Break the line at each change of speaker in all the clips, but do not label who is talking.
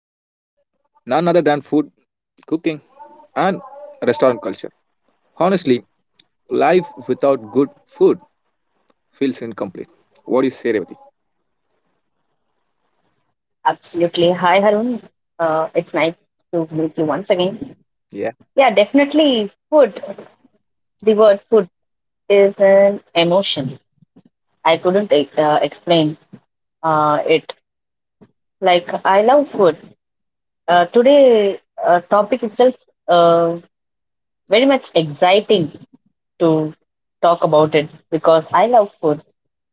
cooking and restaurant culture. Honestly, life without good food feels incomplete. What do you say, Revati?
Absolutely. Hi, Harun. It's nice to meet you once again. Yeah,
Yeah.
definitely. Food, the word food is an emotion. I couldn't explain it. Like, I love food. Today, topic itself uh, very much exciting to talk about it because I love food.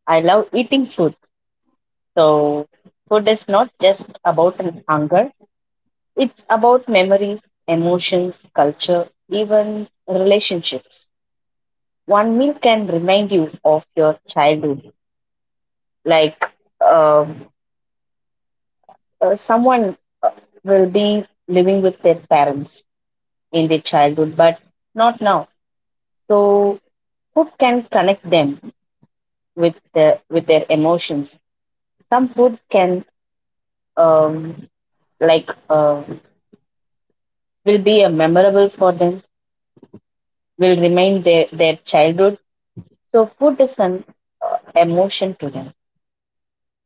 I love eating food. So, food is not just about an hunger. It's about memories, emotions, culture, even relationships. One meal can remind you of your childhood, like um, someone will be living with their parents in their childhood, but not now. So food can connect them with with their emotions. Some food can um, like uh, will be a memorable for them, will remind their childhood. So food is an emotion to them.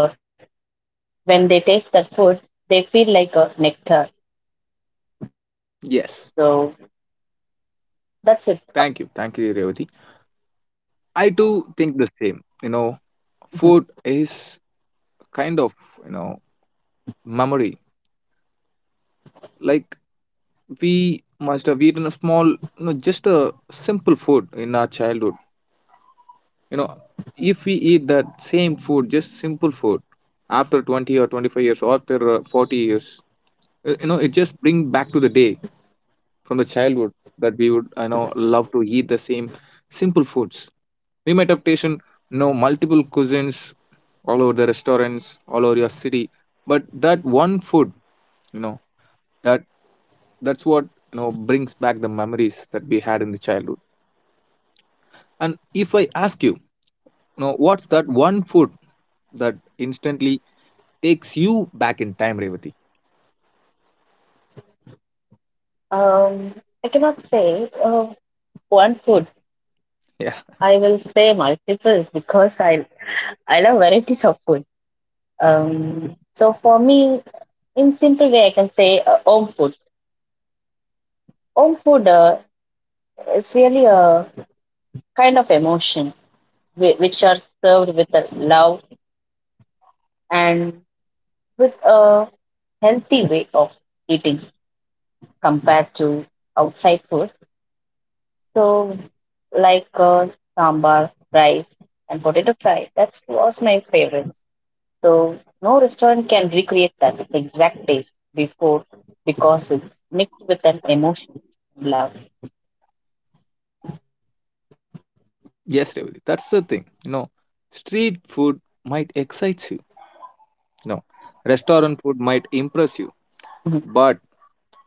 Like a when they taste that food they feel like a nectar so
Yes.
that's it.
Thank you. Thank you, Revati. I do think the same. You know,
Mhm.
food is kind of you know memory. Like we must have eaten a small, just a simple food in our childhood. You know, if we eat that same food, just simple food, after 20 or 25 years, or after 40 years, it just bring back to the day from the childhood that we would love to eat the same simple foods. We might have taken multiple cuisines all over the restaurants, all over your city. But that one food, you know, that that's what brings back the memories that we had in the childhood. And if I ask you, what's that one food that instantly takes you back in time, Revati?
um I cannot say one food.
Yeah,
I will say multiple because I love varieties of food. So for me in simple way I can say home food. Home food is really a kind of emotion which are served with a love and with a healthy way of eating compared to outside food. So, like uh, sambar, rice, and potato fry, that was my favorite. So, no restaurant can recreate that exact taste before because it's mixed with an emotion, love.
yes, Revati. That's the thing. Street food might excite you. You know,
Mhm.
Restaurant food might impress you, but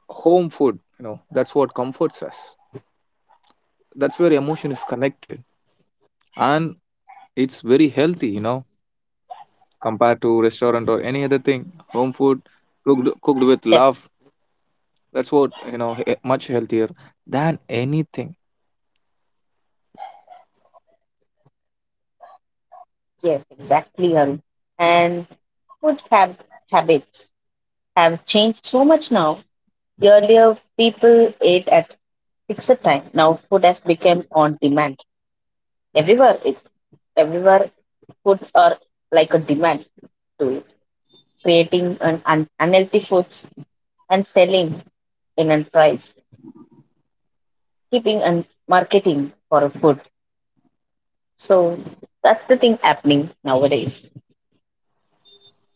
home food, that's what comforts us. That's where emotion is connected, and it's very healthy, compared to restaurant or any other thing. Home food cooked
Def-
cooked with love. That's what much healthier than anything.
yes, exactly, Arun. And food hab- habits have changed so much now. Earlier, people ate at fixed time. Now, food has become on demand everywhere. It's everywhere foods are like a demand to it, creating an unhealthy foods and selling in a price, keeping and marketing for a food. So that's the thing happening nowadays.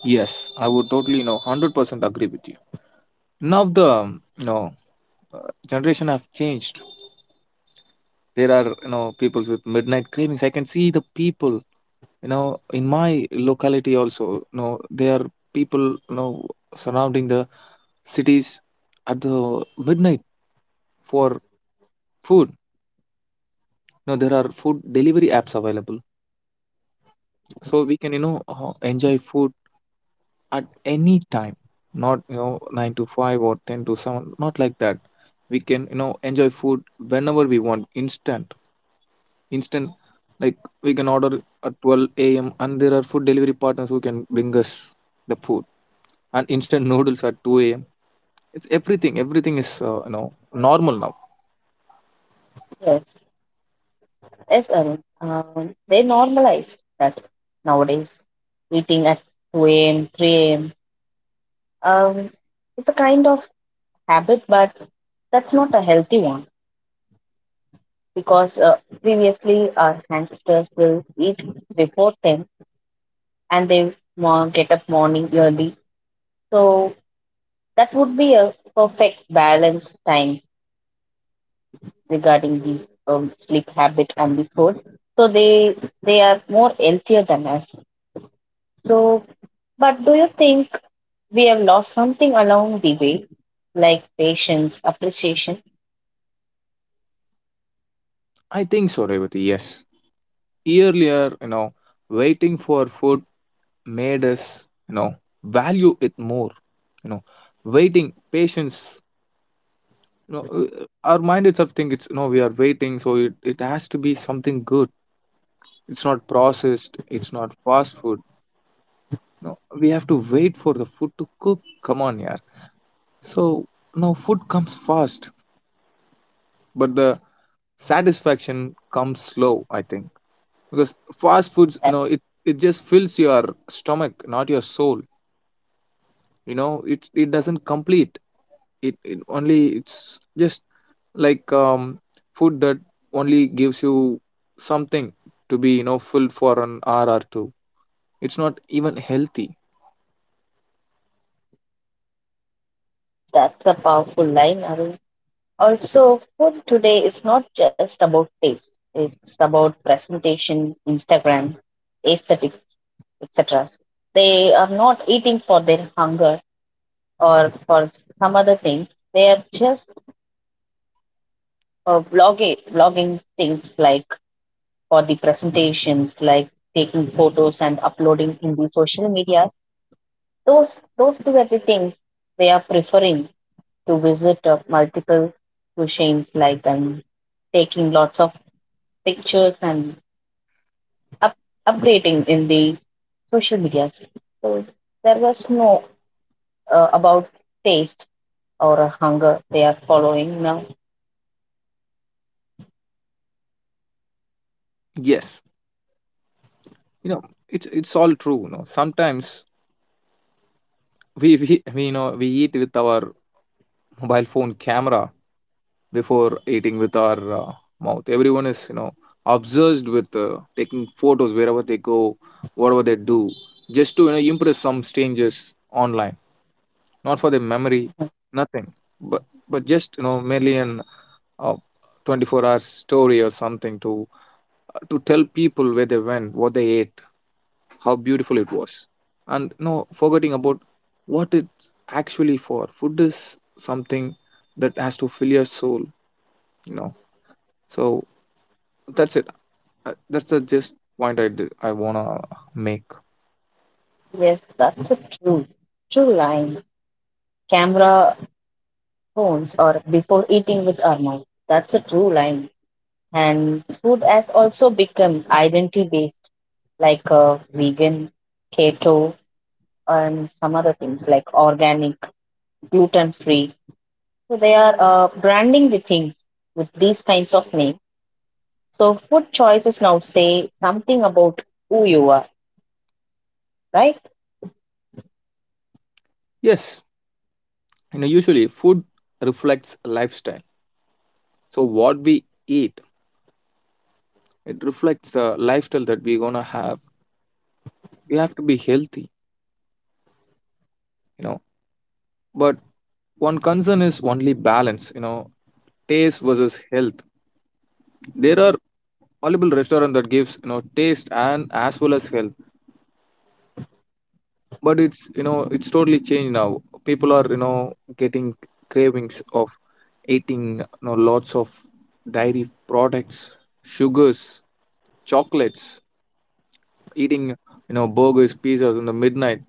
Yes, I would totally 100% agree with you. Now the generation have changed. There are peoples with midnight cravings. I can see the people in my locality also. There are people surrounding the cities at the midnight for food. There are food delivery apps available so we can enjoy food at any time, not 9 to 5 or 10 to 7. Not like that, we can enjoy food whenever we want instant, like we can order at 12 a.m., and there are food delivery partners who can bring us the food and instant noodles at 2 a.m. It's everything is normal now.
Yes, yes, Arun. They normalized that nowadays, eating at 2 a.m., 3 a.m. Um, it's a kind of habit, but that's not a healthy one because previously our ancestors will eat before 10 and they get up morning early. So that would be a perfect balance time regarding the sleep habit and the food. So they are more healthier than us. So, but do you think we have lost something along the way, like patience, appreciation?
I think so, Revati. Yes, earlier waiting for food made us value it more, you know waiting, patience, our minded of think it's no we are waiting, so it has to be something good. It's not processed, it's not fast food. No, we have to wait for the food to cook. Come on, yeah. So no food comes fast, but the satisfaction comes slow, I think. Because fast foods,
That
it just fills your stomach, not your soul. It doesn't complete, it only, it's just like food that only gives you something to be filled for an hour or two. It's not even healthy.
That's a powerful line, Arun. Also, food today is not just about taste. It's about presentation, Instagram, aesthetic etc. They are not eating for their hunger or for some other things. They are just blogging things like for the presentations, like taking photos and uploading in the social medias. Those two are the things they are preferring to visit multiple cuisines, like and taking lots of pictures and up, updating in the social medias. So there was no about taste or a hunger they are following now.
Yes, you know it's all true. Sometimes we you know we eat with our mobile phone camera before eating with our mouth. Everyone is obsessed with taking photos wherever they go, whatever they do, just to impress some strangers online. Not for the memory, nothing, but just merely an uh, 24-hour story or something to to tell people where they went, what they ate, how beautiful it was, and no forgetting about what it's actually for. Food is something that has to fill your soul, you know so that's it. That's the just point I want to make.
Yes, that's a true, true line. Camera phones or before eating with our mouth. That's a true line. And food has also become identity based, like vegan, keto, and some other things like organic, gluten free. So they are branding the things with these kinds of names. So food choices now say something about who you are, right?
Yes, usually food reflects lifestyle, so what we eat, it reflects the lifestyle that we're gonna have. We have to be healthy, you know but one concern is only balance, taste versus health. There are multiple restaurant that gives taste and as well as health, but it's you know it's totally changed now. People are getting cravings of eating lots of dairy products, sugars, chocolates, eating burgers, pizzas in the midnight.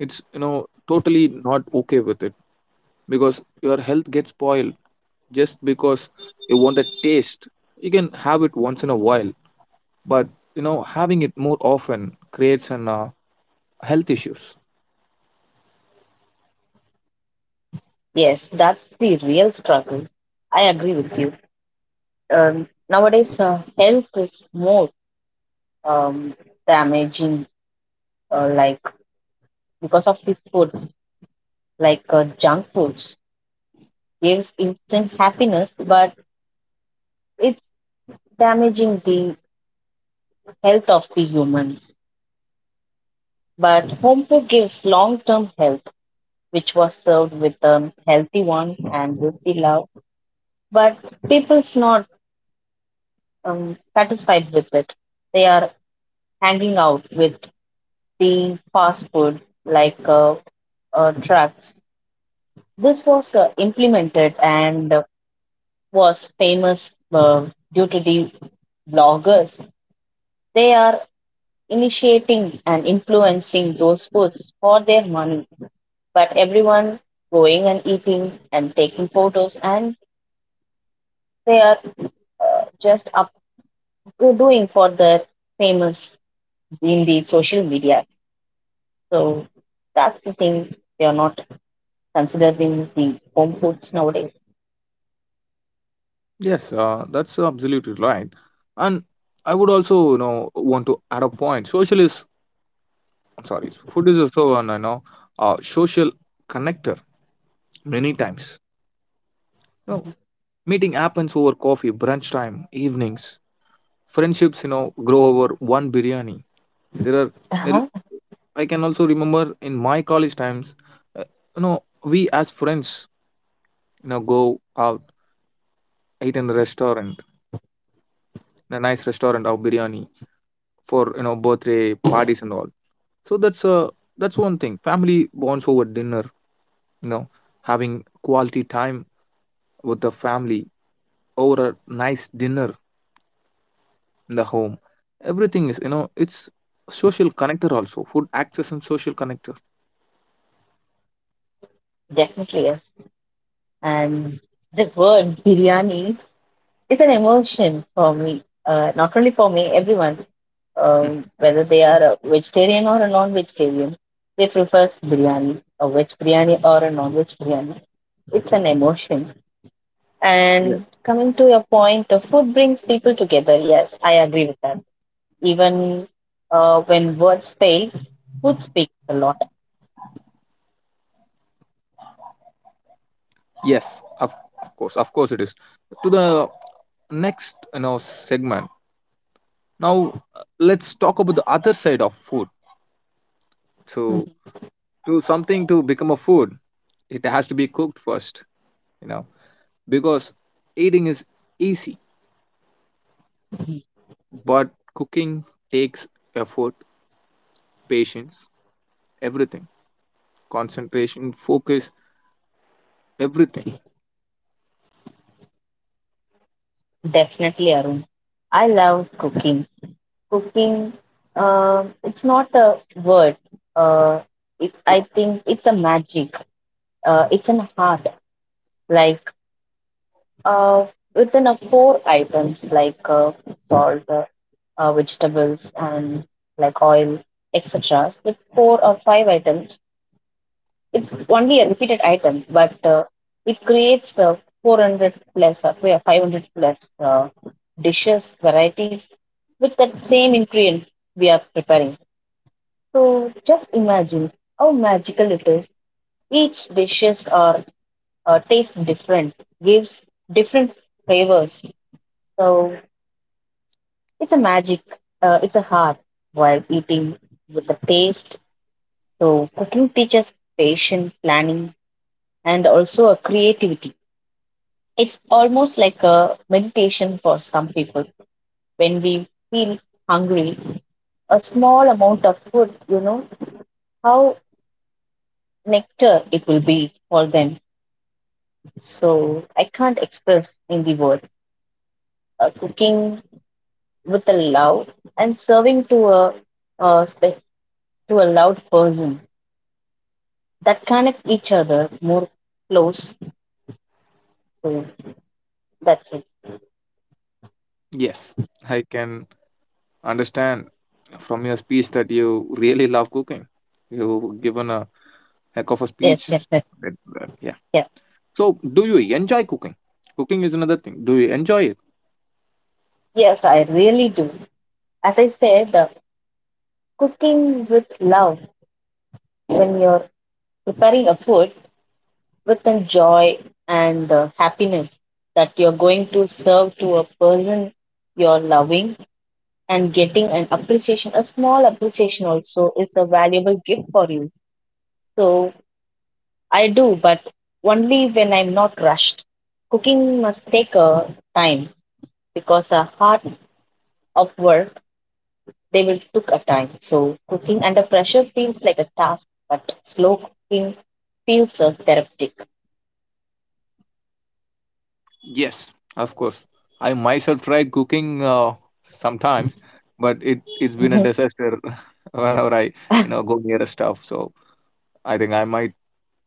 It's totally not okay with it because your health gets spoiled just because you want the taste. You can have it once in a while, but having it more often creates an health issues.
Yes, that's the real struggle. I agree with you. Nowadays, health is more um, damaging, like because of the foods, like junk foods, gives instant happiness, but it's damaging the health of the humans. But home food gives long-term health, which was served with a healthy one and with the love. But people's not satisfied with it. They are hanging out with the fast food like trucks. This was implemented and was famous due to the bloggers. They are initiating and influencing those foods for their money, but everyone going and eating and taking photos, and they are just up doing for their famous in the social media. So that's the thing they are not considering the home foods nowadays.
Yes, that's absolutely right. And I would also want to add a point. Social is, I'm sorry, food is also an social connector. Many times, you know meeting happens over coffee, brunch time, evenings. Friendships grow over one biryani. There are there-
Uh-huh,
I can also remember in my college times, uh, you know we as friends go out, eat in a restaurant, a nice restaurant of biryani for birthday parties and all. So that's one thing. Family bonds over dinner. You know, Having quality time with the family over a nice dinner in the home. Everything is it's social connector, also food access and social connector.
definitely yes. And the word biryani is an emotion for me, not only for me, everyone, whether they are a vegetarian or a non-vegetarian, they prefer biryani, a veg biryani or a non-veg biryani. It's an emotion.
Yeah.
And coming to your point, the food brings people together. Yes, I agree with that. Even when words fail, food speaks a lot.
Yes, of course, of course it is. To the next segment now, let's talk about the other side of food. So to something to become a food, it has to be cooked first, you know because eating is easy,
Mhm.
but cooking takes effort, patience, everything, concentration, focus, everything.
Definitely, Arun. I love cooking. It's not a word. uh it, I think it's a magic. It's an art, like uh within a four items like salt, vegetables and like oil etc with four or five items. It's only a repeated item but it creates 400 plus or 500 plus dishes varieties with that same ingredient we are preparing. So just imagine how magical it is. Each dishes are taste different, gives different flavors. So it's a magic. It's a heart while eating with the taste. So cooking teaches patience, planning, and also a creativity. It's almost like a meditation for some people. When we feel hungry, a small amount of food, you know, how nectar it will be for them. So I can't express in the words. Cooking with a love and serving to uh, spe- to a loud person that connect each other more close. So that's it.
Yes, I can understand from your speech that you really love cooking. You given a heck of a
Yes,
speech.
definitely.
Yeah.
Yeah.
So do you enjoy cooking? Cooking is another thing. Do you enjoy it?
Yes, I really do. As I said, cooking with love when you're preparing a food with the joy and happiness that you're going to serve to a person you're loving and getting an appreciation, a small appreciation also is a valuable gift for you. So I do, but only when I'm not rushed. Cooking must take a time because the heart of work they will took a time. So cooking under pressure feels like a task, but slow cooking feels therapeutic.
Yes, of course. I myself tried cooking sometimes, but it's been a
Mhm.
disaster whenever I go near a stuff. So I think I might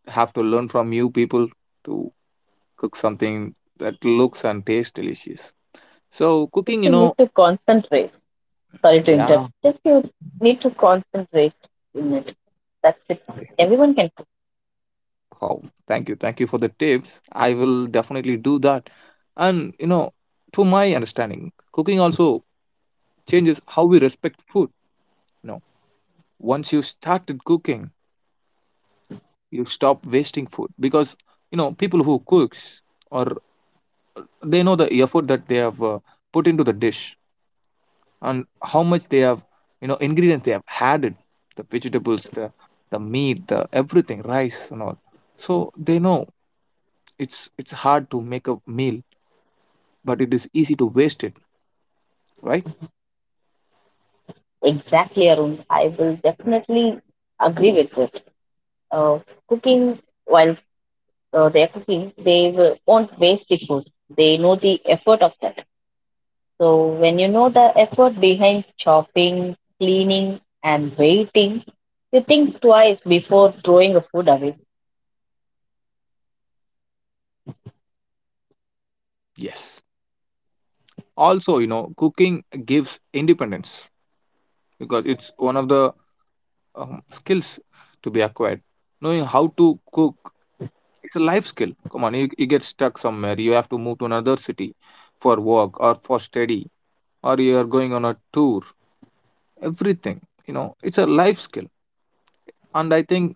have to learn from you people to cook something that looks and tastes delicious. So
Just
cooking,
you need to concentrate. Sorry to
yeah.
interrupt. Just you need to concentrate in it. That's it.
Okay.
Everyone can
Wow. Thank you. Thank you for the tips. I will definitely do that. And, to my understanding, cooking also changes how we respect food. You know, Once you started cooking, you stop wasting food because people who cooks, or they know the effort that they have put into the dish and how much they have ingredients they have added, the vegetables, the meat, the everything, rice and all. So they know it's hard to make a meal, but it is easy to waste it, right?
Exactly, Arun. I will definitely agree with it. Uh, Cooking, while they're cooking, they will, won't waste the food. They know the effort of that. So when you know the effort behind chopping, cleaning, and waiting, you think twice before throwing a food away.
Yes, also cooking gives independence because it's one of the skills to be acquired, knowing how to cook. It's a life skill. Come on, you get stuck somewhere. You have to move to another city for work or for study, or you are going on a tour. Everything, it's a life skill. And I think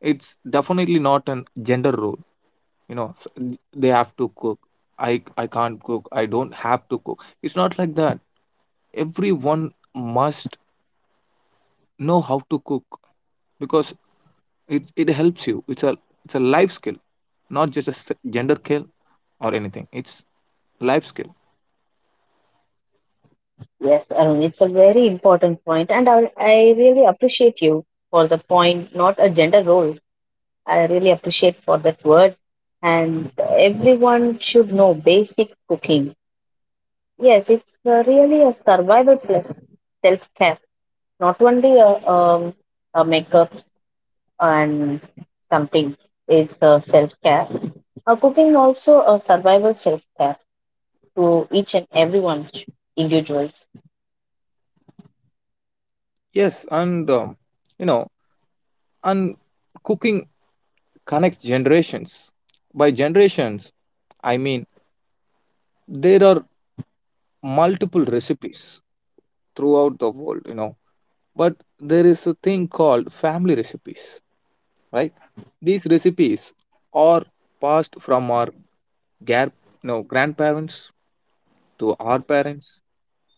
it's definitely not an gender role. They have to cook. I can't cook. I don't have to cook. It's not like that. Everyone must know how to cook because it helps you. It's a life skill, not just a gender kill or anything. It's life skill.
Yes, Arun, it's a very important point, and I really appreciate you for the point, not a gender role. I really appreciate for that word.
Mm.
And everyone should know basic cooking. Yes, it's really a survival plus self care, not only a makeup and something is self care. Cooking also a survival self care to each and everyone individuals.
Yes. And you know and cooking connects generations by generations. I mean, there are multiple recipes throughout the world, but there is a thing called family recipes, right? These recipes are passed from our gar- grandparents to our parents,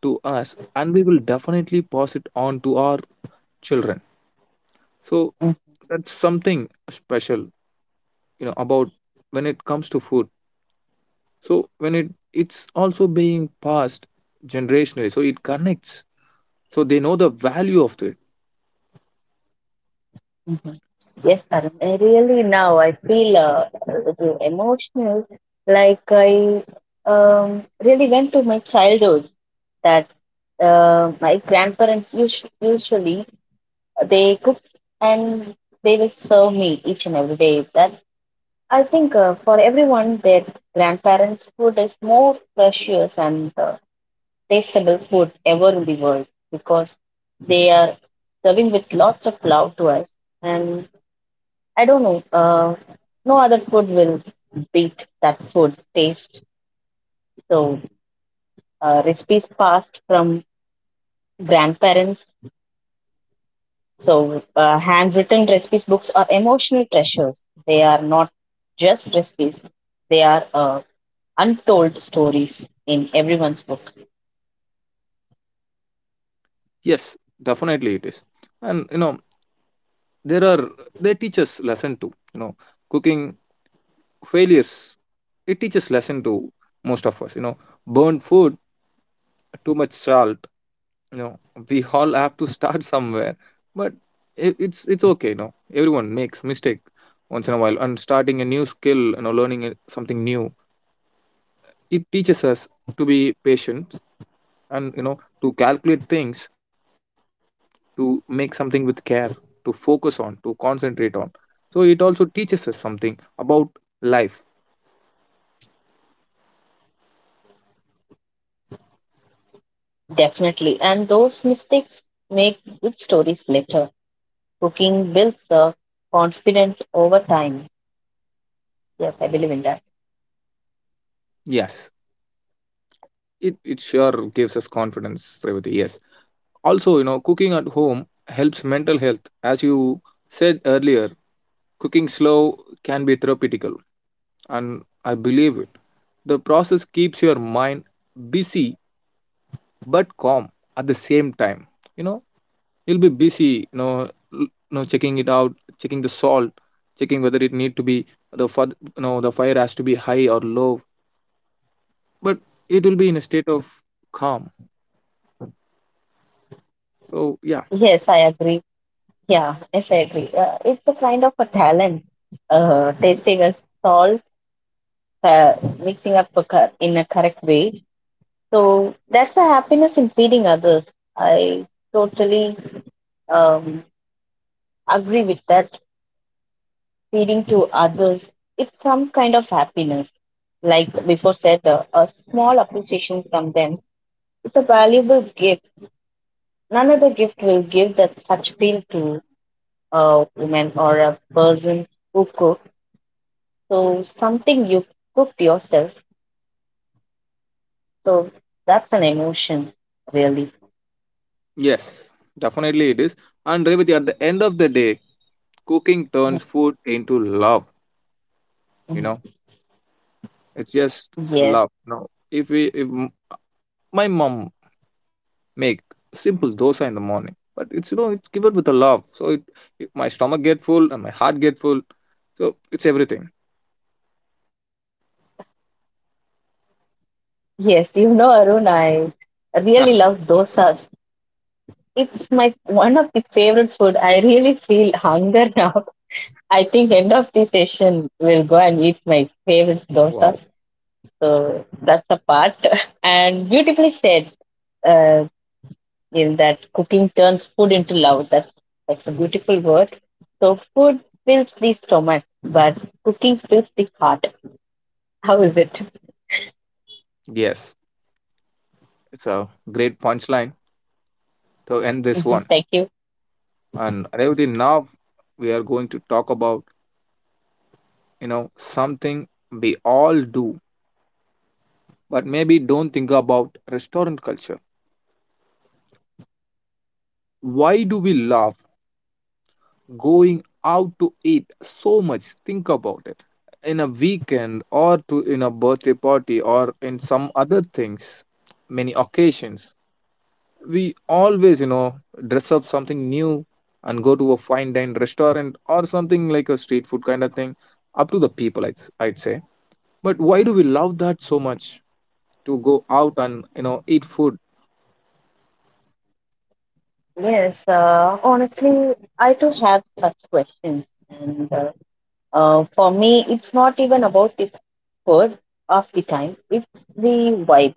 to us, and we will definitely pass it on to our children. So that's something special about when it comes to food. So when it's also being passed generationally, so it connects, so they know the value of it.
Mhm. Yes, Arun, I really now I feel a little emotional. Like I really went to my childhood that my grandparents usually they cook and they will serve me each and every day. That I think for everyone, their grandparents' food is more precious and tastable food ever in the world because they are serving with lots of love to us. And. I don't know. No other food will beat that food taste. So recipes passed from grandparents. So handwritten recipes books are emotional treasures. They are not just recipes. They are untold stories in everyone's book,
Yes, definitely it is. And there are, they teach us lesson too, cooking failures, it teaches lesson to most of us, burnt food, too much salt, you know we all have to start somewhere. But it's okay, everyone makes mistake once in a while. And starting a new skill, something new. It teaches us to be patient, and to calculate things, to make something with care, to focus on, to concentrate on. So it also teaches us something about life.
definitely. And those mistakes make good stories later. Cooking builds a confident over time. Yes, I believe in that.
Yes, it sure gives us confidence, Revati. Yes. Also, cooking at home helps mental health. As you said earlier, cooking slow can be therapeutical, and I believe it. The process keeps your mind busy but calm at the same time. You know, you'll be busy checking it out, checking the salt, checking whether it need to be the fud, you know the fire has to be high or low, but it will be in a state of calm, so yeah.
Yes, I agree Yeah, yes, I agree. It's a kind of a talent, tasting a salt, mixing up a in a correct way. So that's the happiness in feeding others. I totally um, agree with that. Feeding to others, it's some kind of happiness. Like before said, a small appreciation from them. It's a valuable gift. None other gift will give that such feel to a woman or a person who cooks. So something you cooked yourself. So that's an emotion, really.
Yes, definitely it is. And Revati, at the end of the day, cooking turns
Mhm,
food into love. you know
mhm.
it's just
Yes,
love, no? if we if m- My mom make simple dosa in the morning, but it's you know it's given with a love, so it my stomach get full and my heart get full, so it's everything.
yes. You know, Arun, I really love dosas. It's my one of the favorite food. I really feel hunger now. I think end of the session we'll go and eat my favorite dosas.
Wow.
So that's a part. And beautifully said, uh, is that cooking turns food into love. That's a beautiful word. So food fills the stomach, but cooking fills the heart. How is it?
Yes, it's a great punchline to end this
Mhm,
one.
thank you.
And Revati, now we are going to talk about, you know, something we all do but maybe don't think about: restaurant culture. Why do we love going out to eat so much? Think about it. In a weekend or to in a birthday party or in some other things, many occasions. We always, you know, dress up something new and go to a fine dine restaurant or something like a street food kind of thing, up to the people I'd say. But why do we love that so much, to go out and, you know, eat food?
Yes, honestly, I too have such questions, and for me, it's not even about the food of the time. It's the vibe.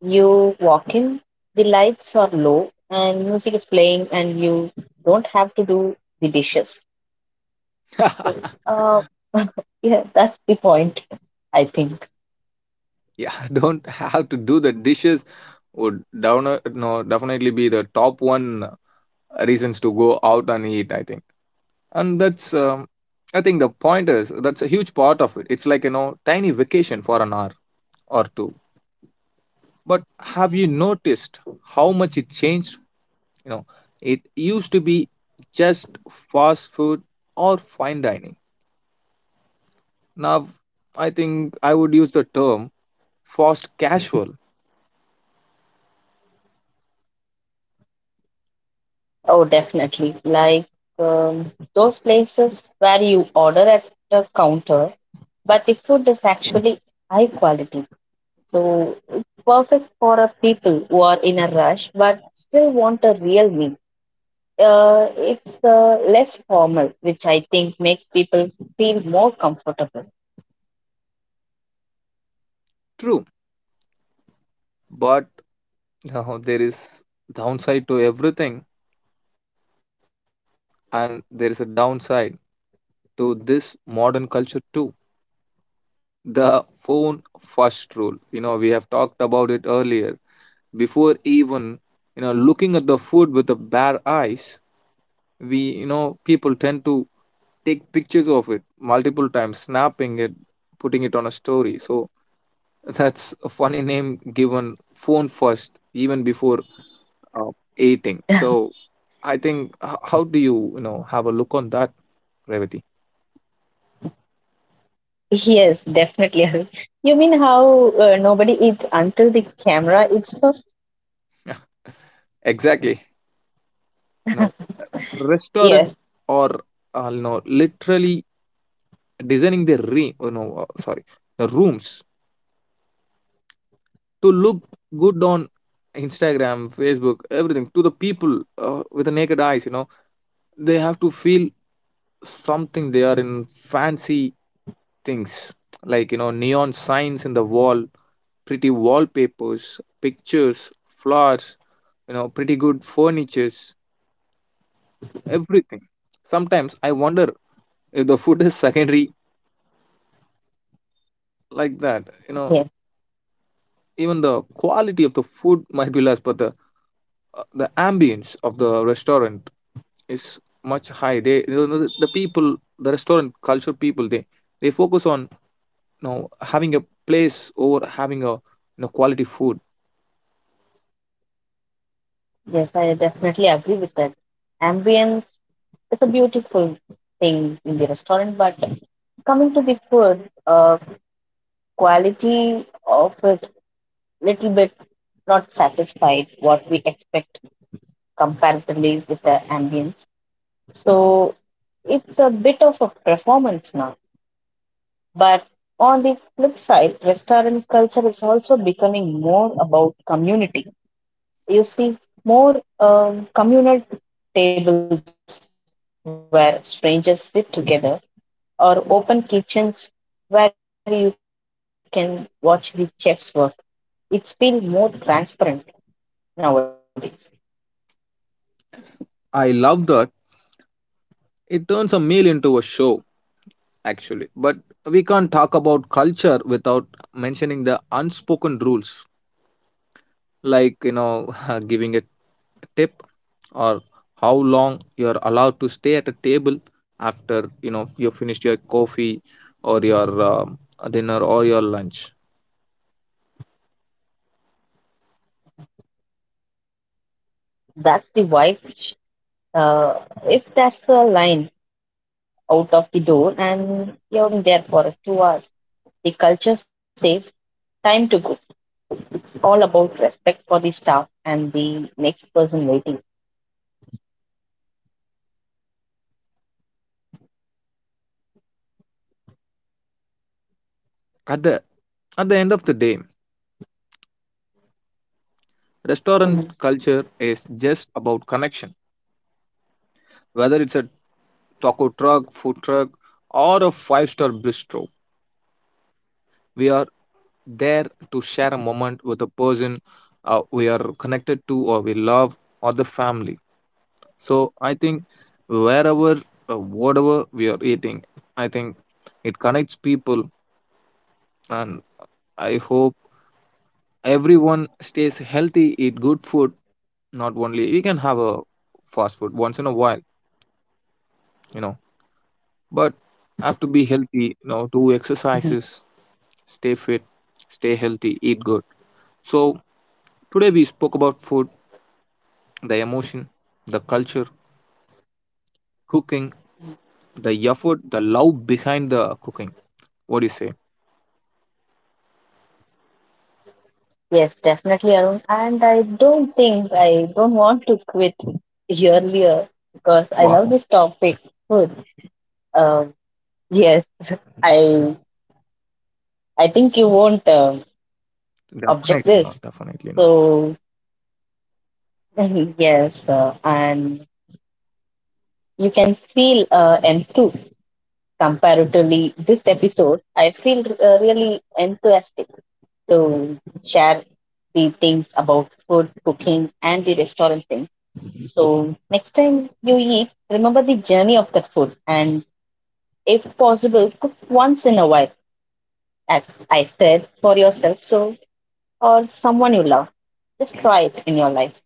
You walk in, the lights are low, and music is playing, and you don't have to do the dishes. Uh, yeah, that's the point, I think.
Yeah, don't have to do the dishes would down, no, definitely be the top one reasons to go out and eat, I think. And that's I think the point, is that's a huge part of it. It's like, you know, tiny vacation for an hour or two. But have you noticed how much it changed? You know, it used to be just fast food or fine dining. Now, I think I would use the term fast casual.
Oh, definitely. Like those places where you order at the counter, but the food is actually high quality. So it's perfect for a people who are in a rush but still want a real meal. It's less formal, which I think makes people feel more comfortable.
True, but you know, there is downside to everything, and there is a downside to this modern culture too. The phone first rule. You know, we have talked about it earlier. Before even, you know, looking at the food with the bare eyes, we, you know, people tend to take pictures of it multiple times, snapping it, putting it on a story. So that's a funny name given, phone first, even before uh, eating. So I think how do you, you know, have a look on that, Revati?
Yes, definitely. Arun. You mean how nobody eats until the camera eats first?
Yeah, exactly. No
Yes,
restaurant or, you know, literally designing their re- oh, no sorry, the rooms to look good on Instagram, Facebook, everything. To the people, with the naked eyes, you know, they have to feel something. They are in fancy things like, you know, neon signs in the wall, pretty wallpapers, pictures, flowers, you know, pretty good furnitures, everything. Sometimes I wonder if the food is secondary, like that, you know,
yes,
even the quality of the food might be less, but the ambience of the restaurant is much high. They, you know, the people, the restaurant culture people, they focus on, you know, having a place over having a, you know, quality food.
yes. I definitely agree with that. Ambience is a beautiful thing in the restaurant, but coming to the food, quality of it little bit not satisfied what we expect comparatively with the ambience. So it's a bit of a performance now. But on the flip side, restaurant culture is also becoming more about community. You see more communal tables where strangers sit together, or open kitchens where you can watch the chefs work. It's feel more transparent nowadays.
I love that. It turns a meal into a show, actually. But we can't talk about culture without mentioning the unspoken rules, like, you know, giving a tip or how long you're allowed to stay at a table after, you know, you finished your coffee or your dinner or your lunch.
That's the wife shift. If there's a line out of the door and you've been sitting there for 2 hours, the culture says time to go. So it's all about respect for the staff and the next person waiting.
At the at the end of the day, restaurant
Mhm,
culture is just about connection. Whether it's a taco truck, food truck, or a five-star bistro, we are there to share a moment with a person we are connected to, or we love, or the family. So I think wherever, whatever we are eating, I think it connects people, and I hope everyone stays healthy, eat good food. Not only we can have a fast food once in a while, you know, but I have to be healthy, you know, do
mhm.
exercises, stay fit, stay healthy, eat good. So today we spoke about food, the emotion, the culture, cooking, the effort, the love behind the cooking. What do you say?
Yes, definitely, Arun. And I don't want to quit earlier because I love
Wow.
this topic, food. Um, yes, I I think you won't object
Definitely not,
this.
definitely not.
So yes, and you can feel and too comparatively this episode. I feel really enthusiastic to share the things about food, cooking, and the restaurant things. So, next time you eat, remember the journey of that food and, if possible, cook once in a while, as I said, for yourself so or someone you love. Just try it in your life.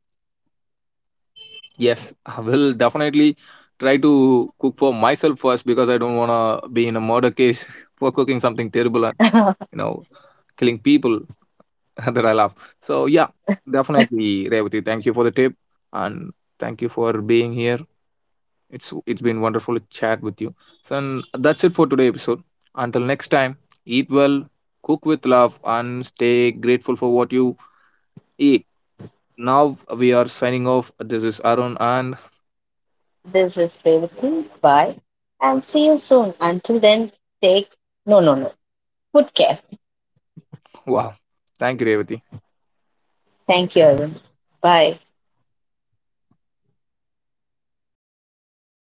Yes, I will definitely try to cook for myself first, because I don't want to be in a murder case for cooking something terrible and, you know, killing people that I love. So yeah, definitely, Revati. Thank you for the tip, and thank you for being here. It's been wonderful to chat with you. So and that's it for today episode. Until next time, eat well, cook with love, and stay grateful for what you eat. Now we are signing off. This is Arun, and
This is Revati. Bye. And see you soon. Until then, take no, no, no. Good care.
wow, thank you, Revati.
Thank you, everyone. Bye.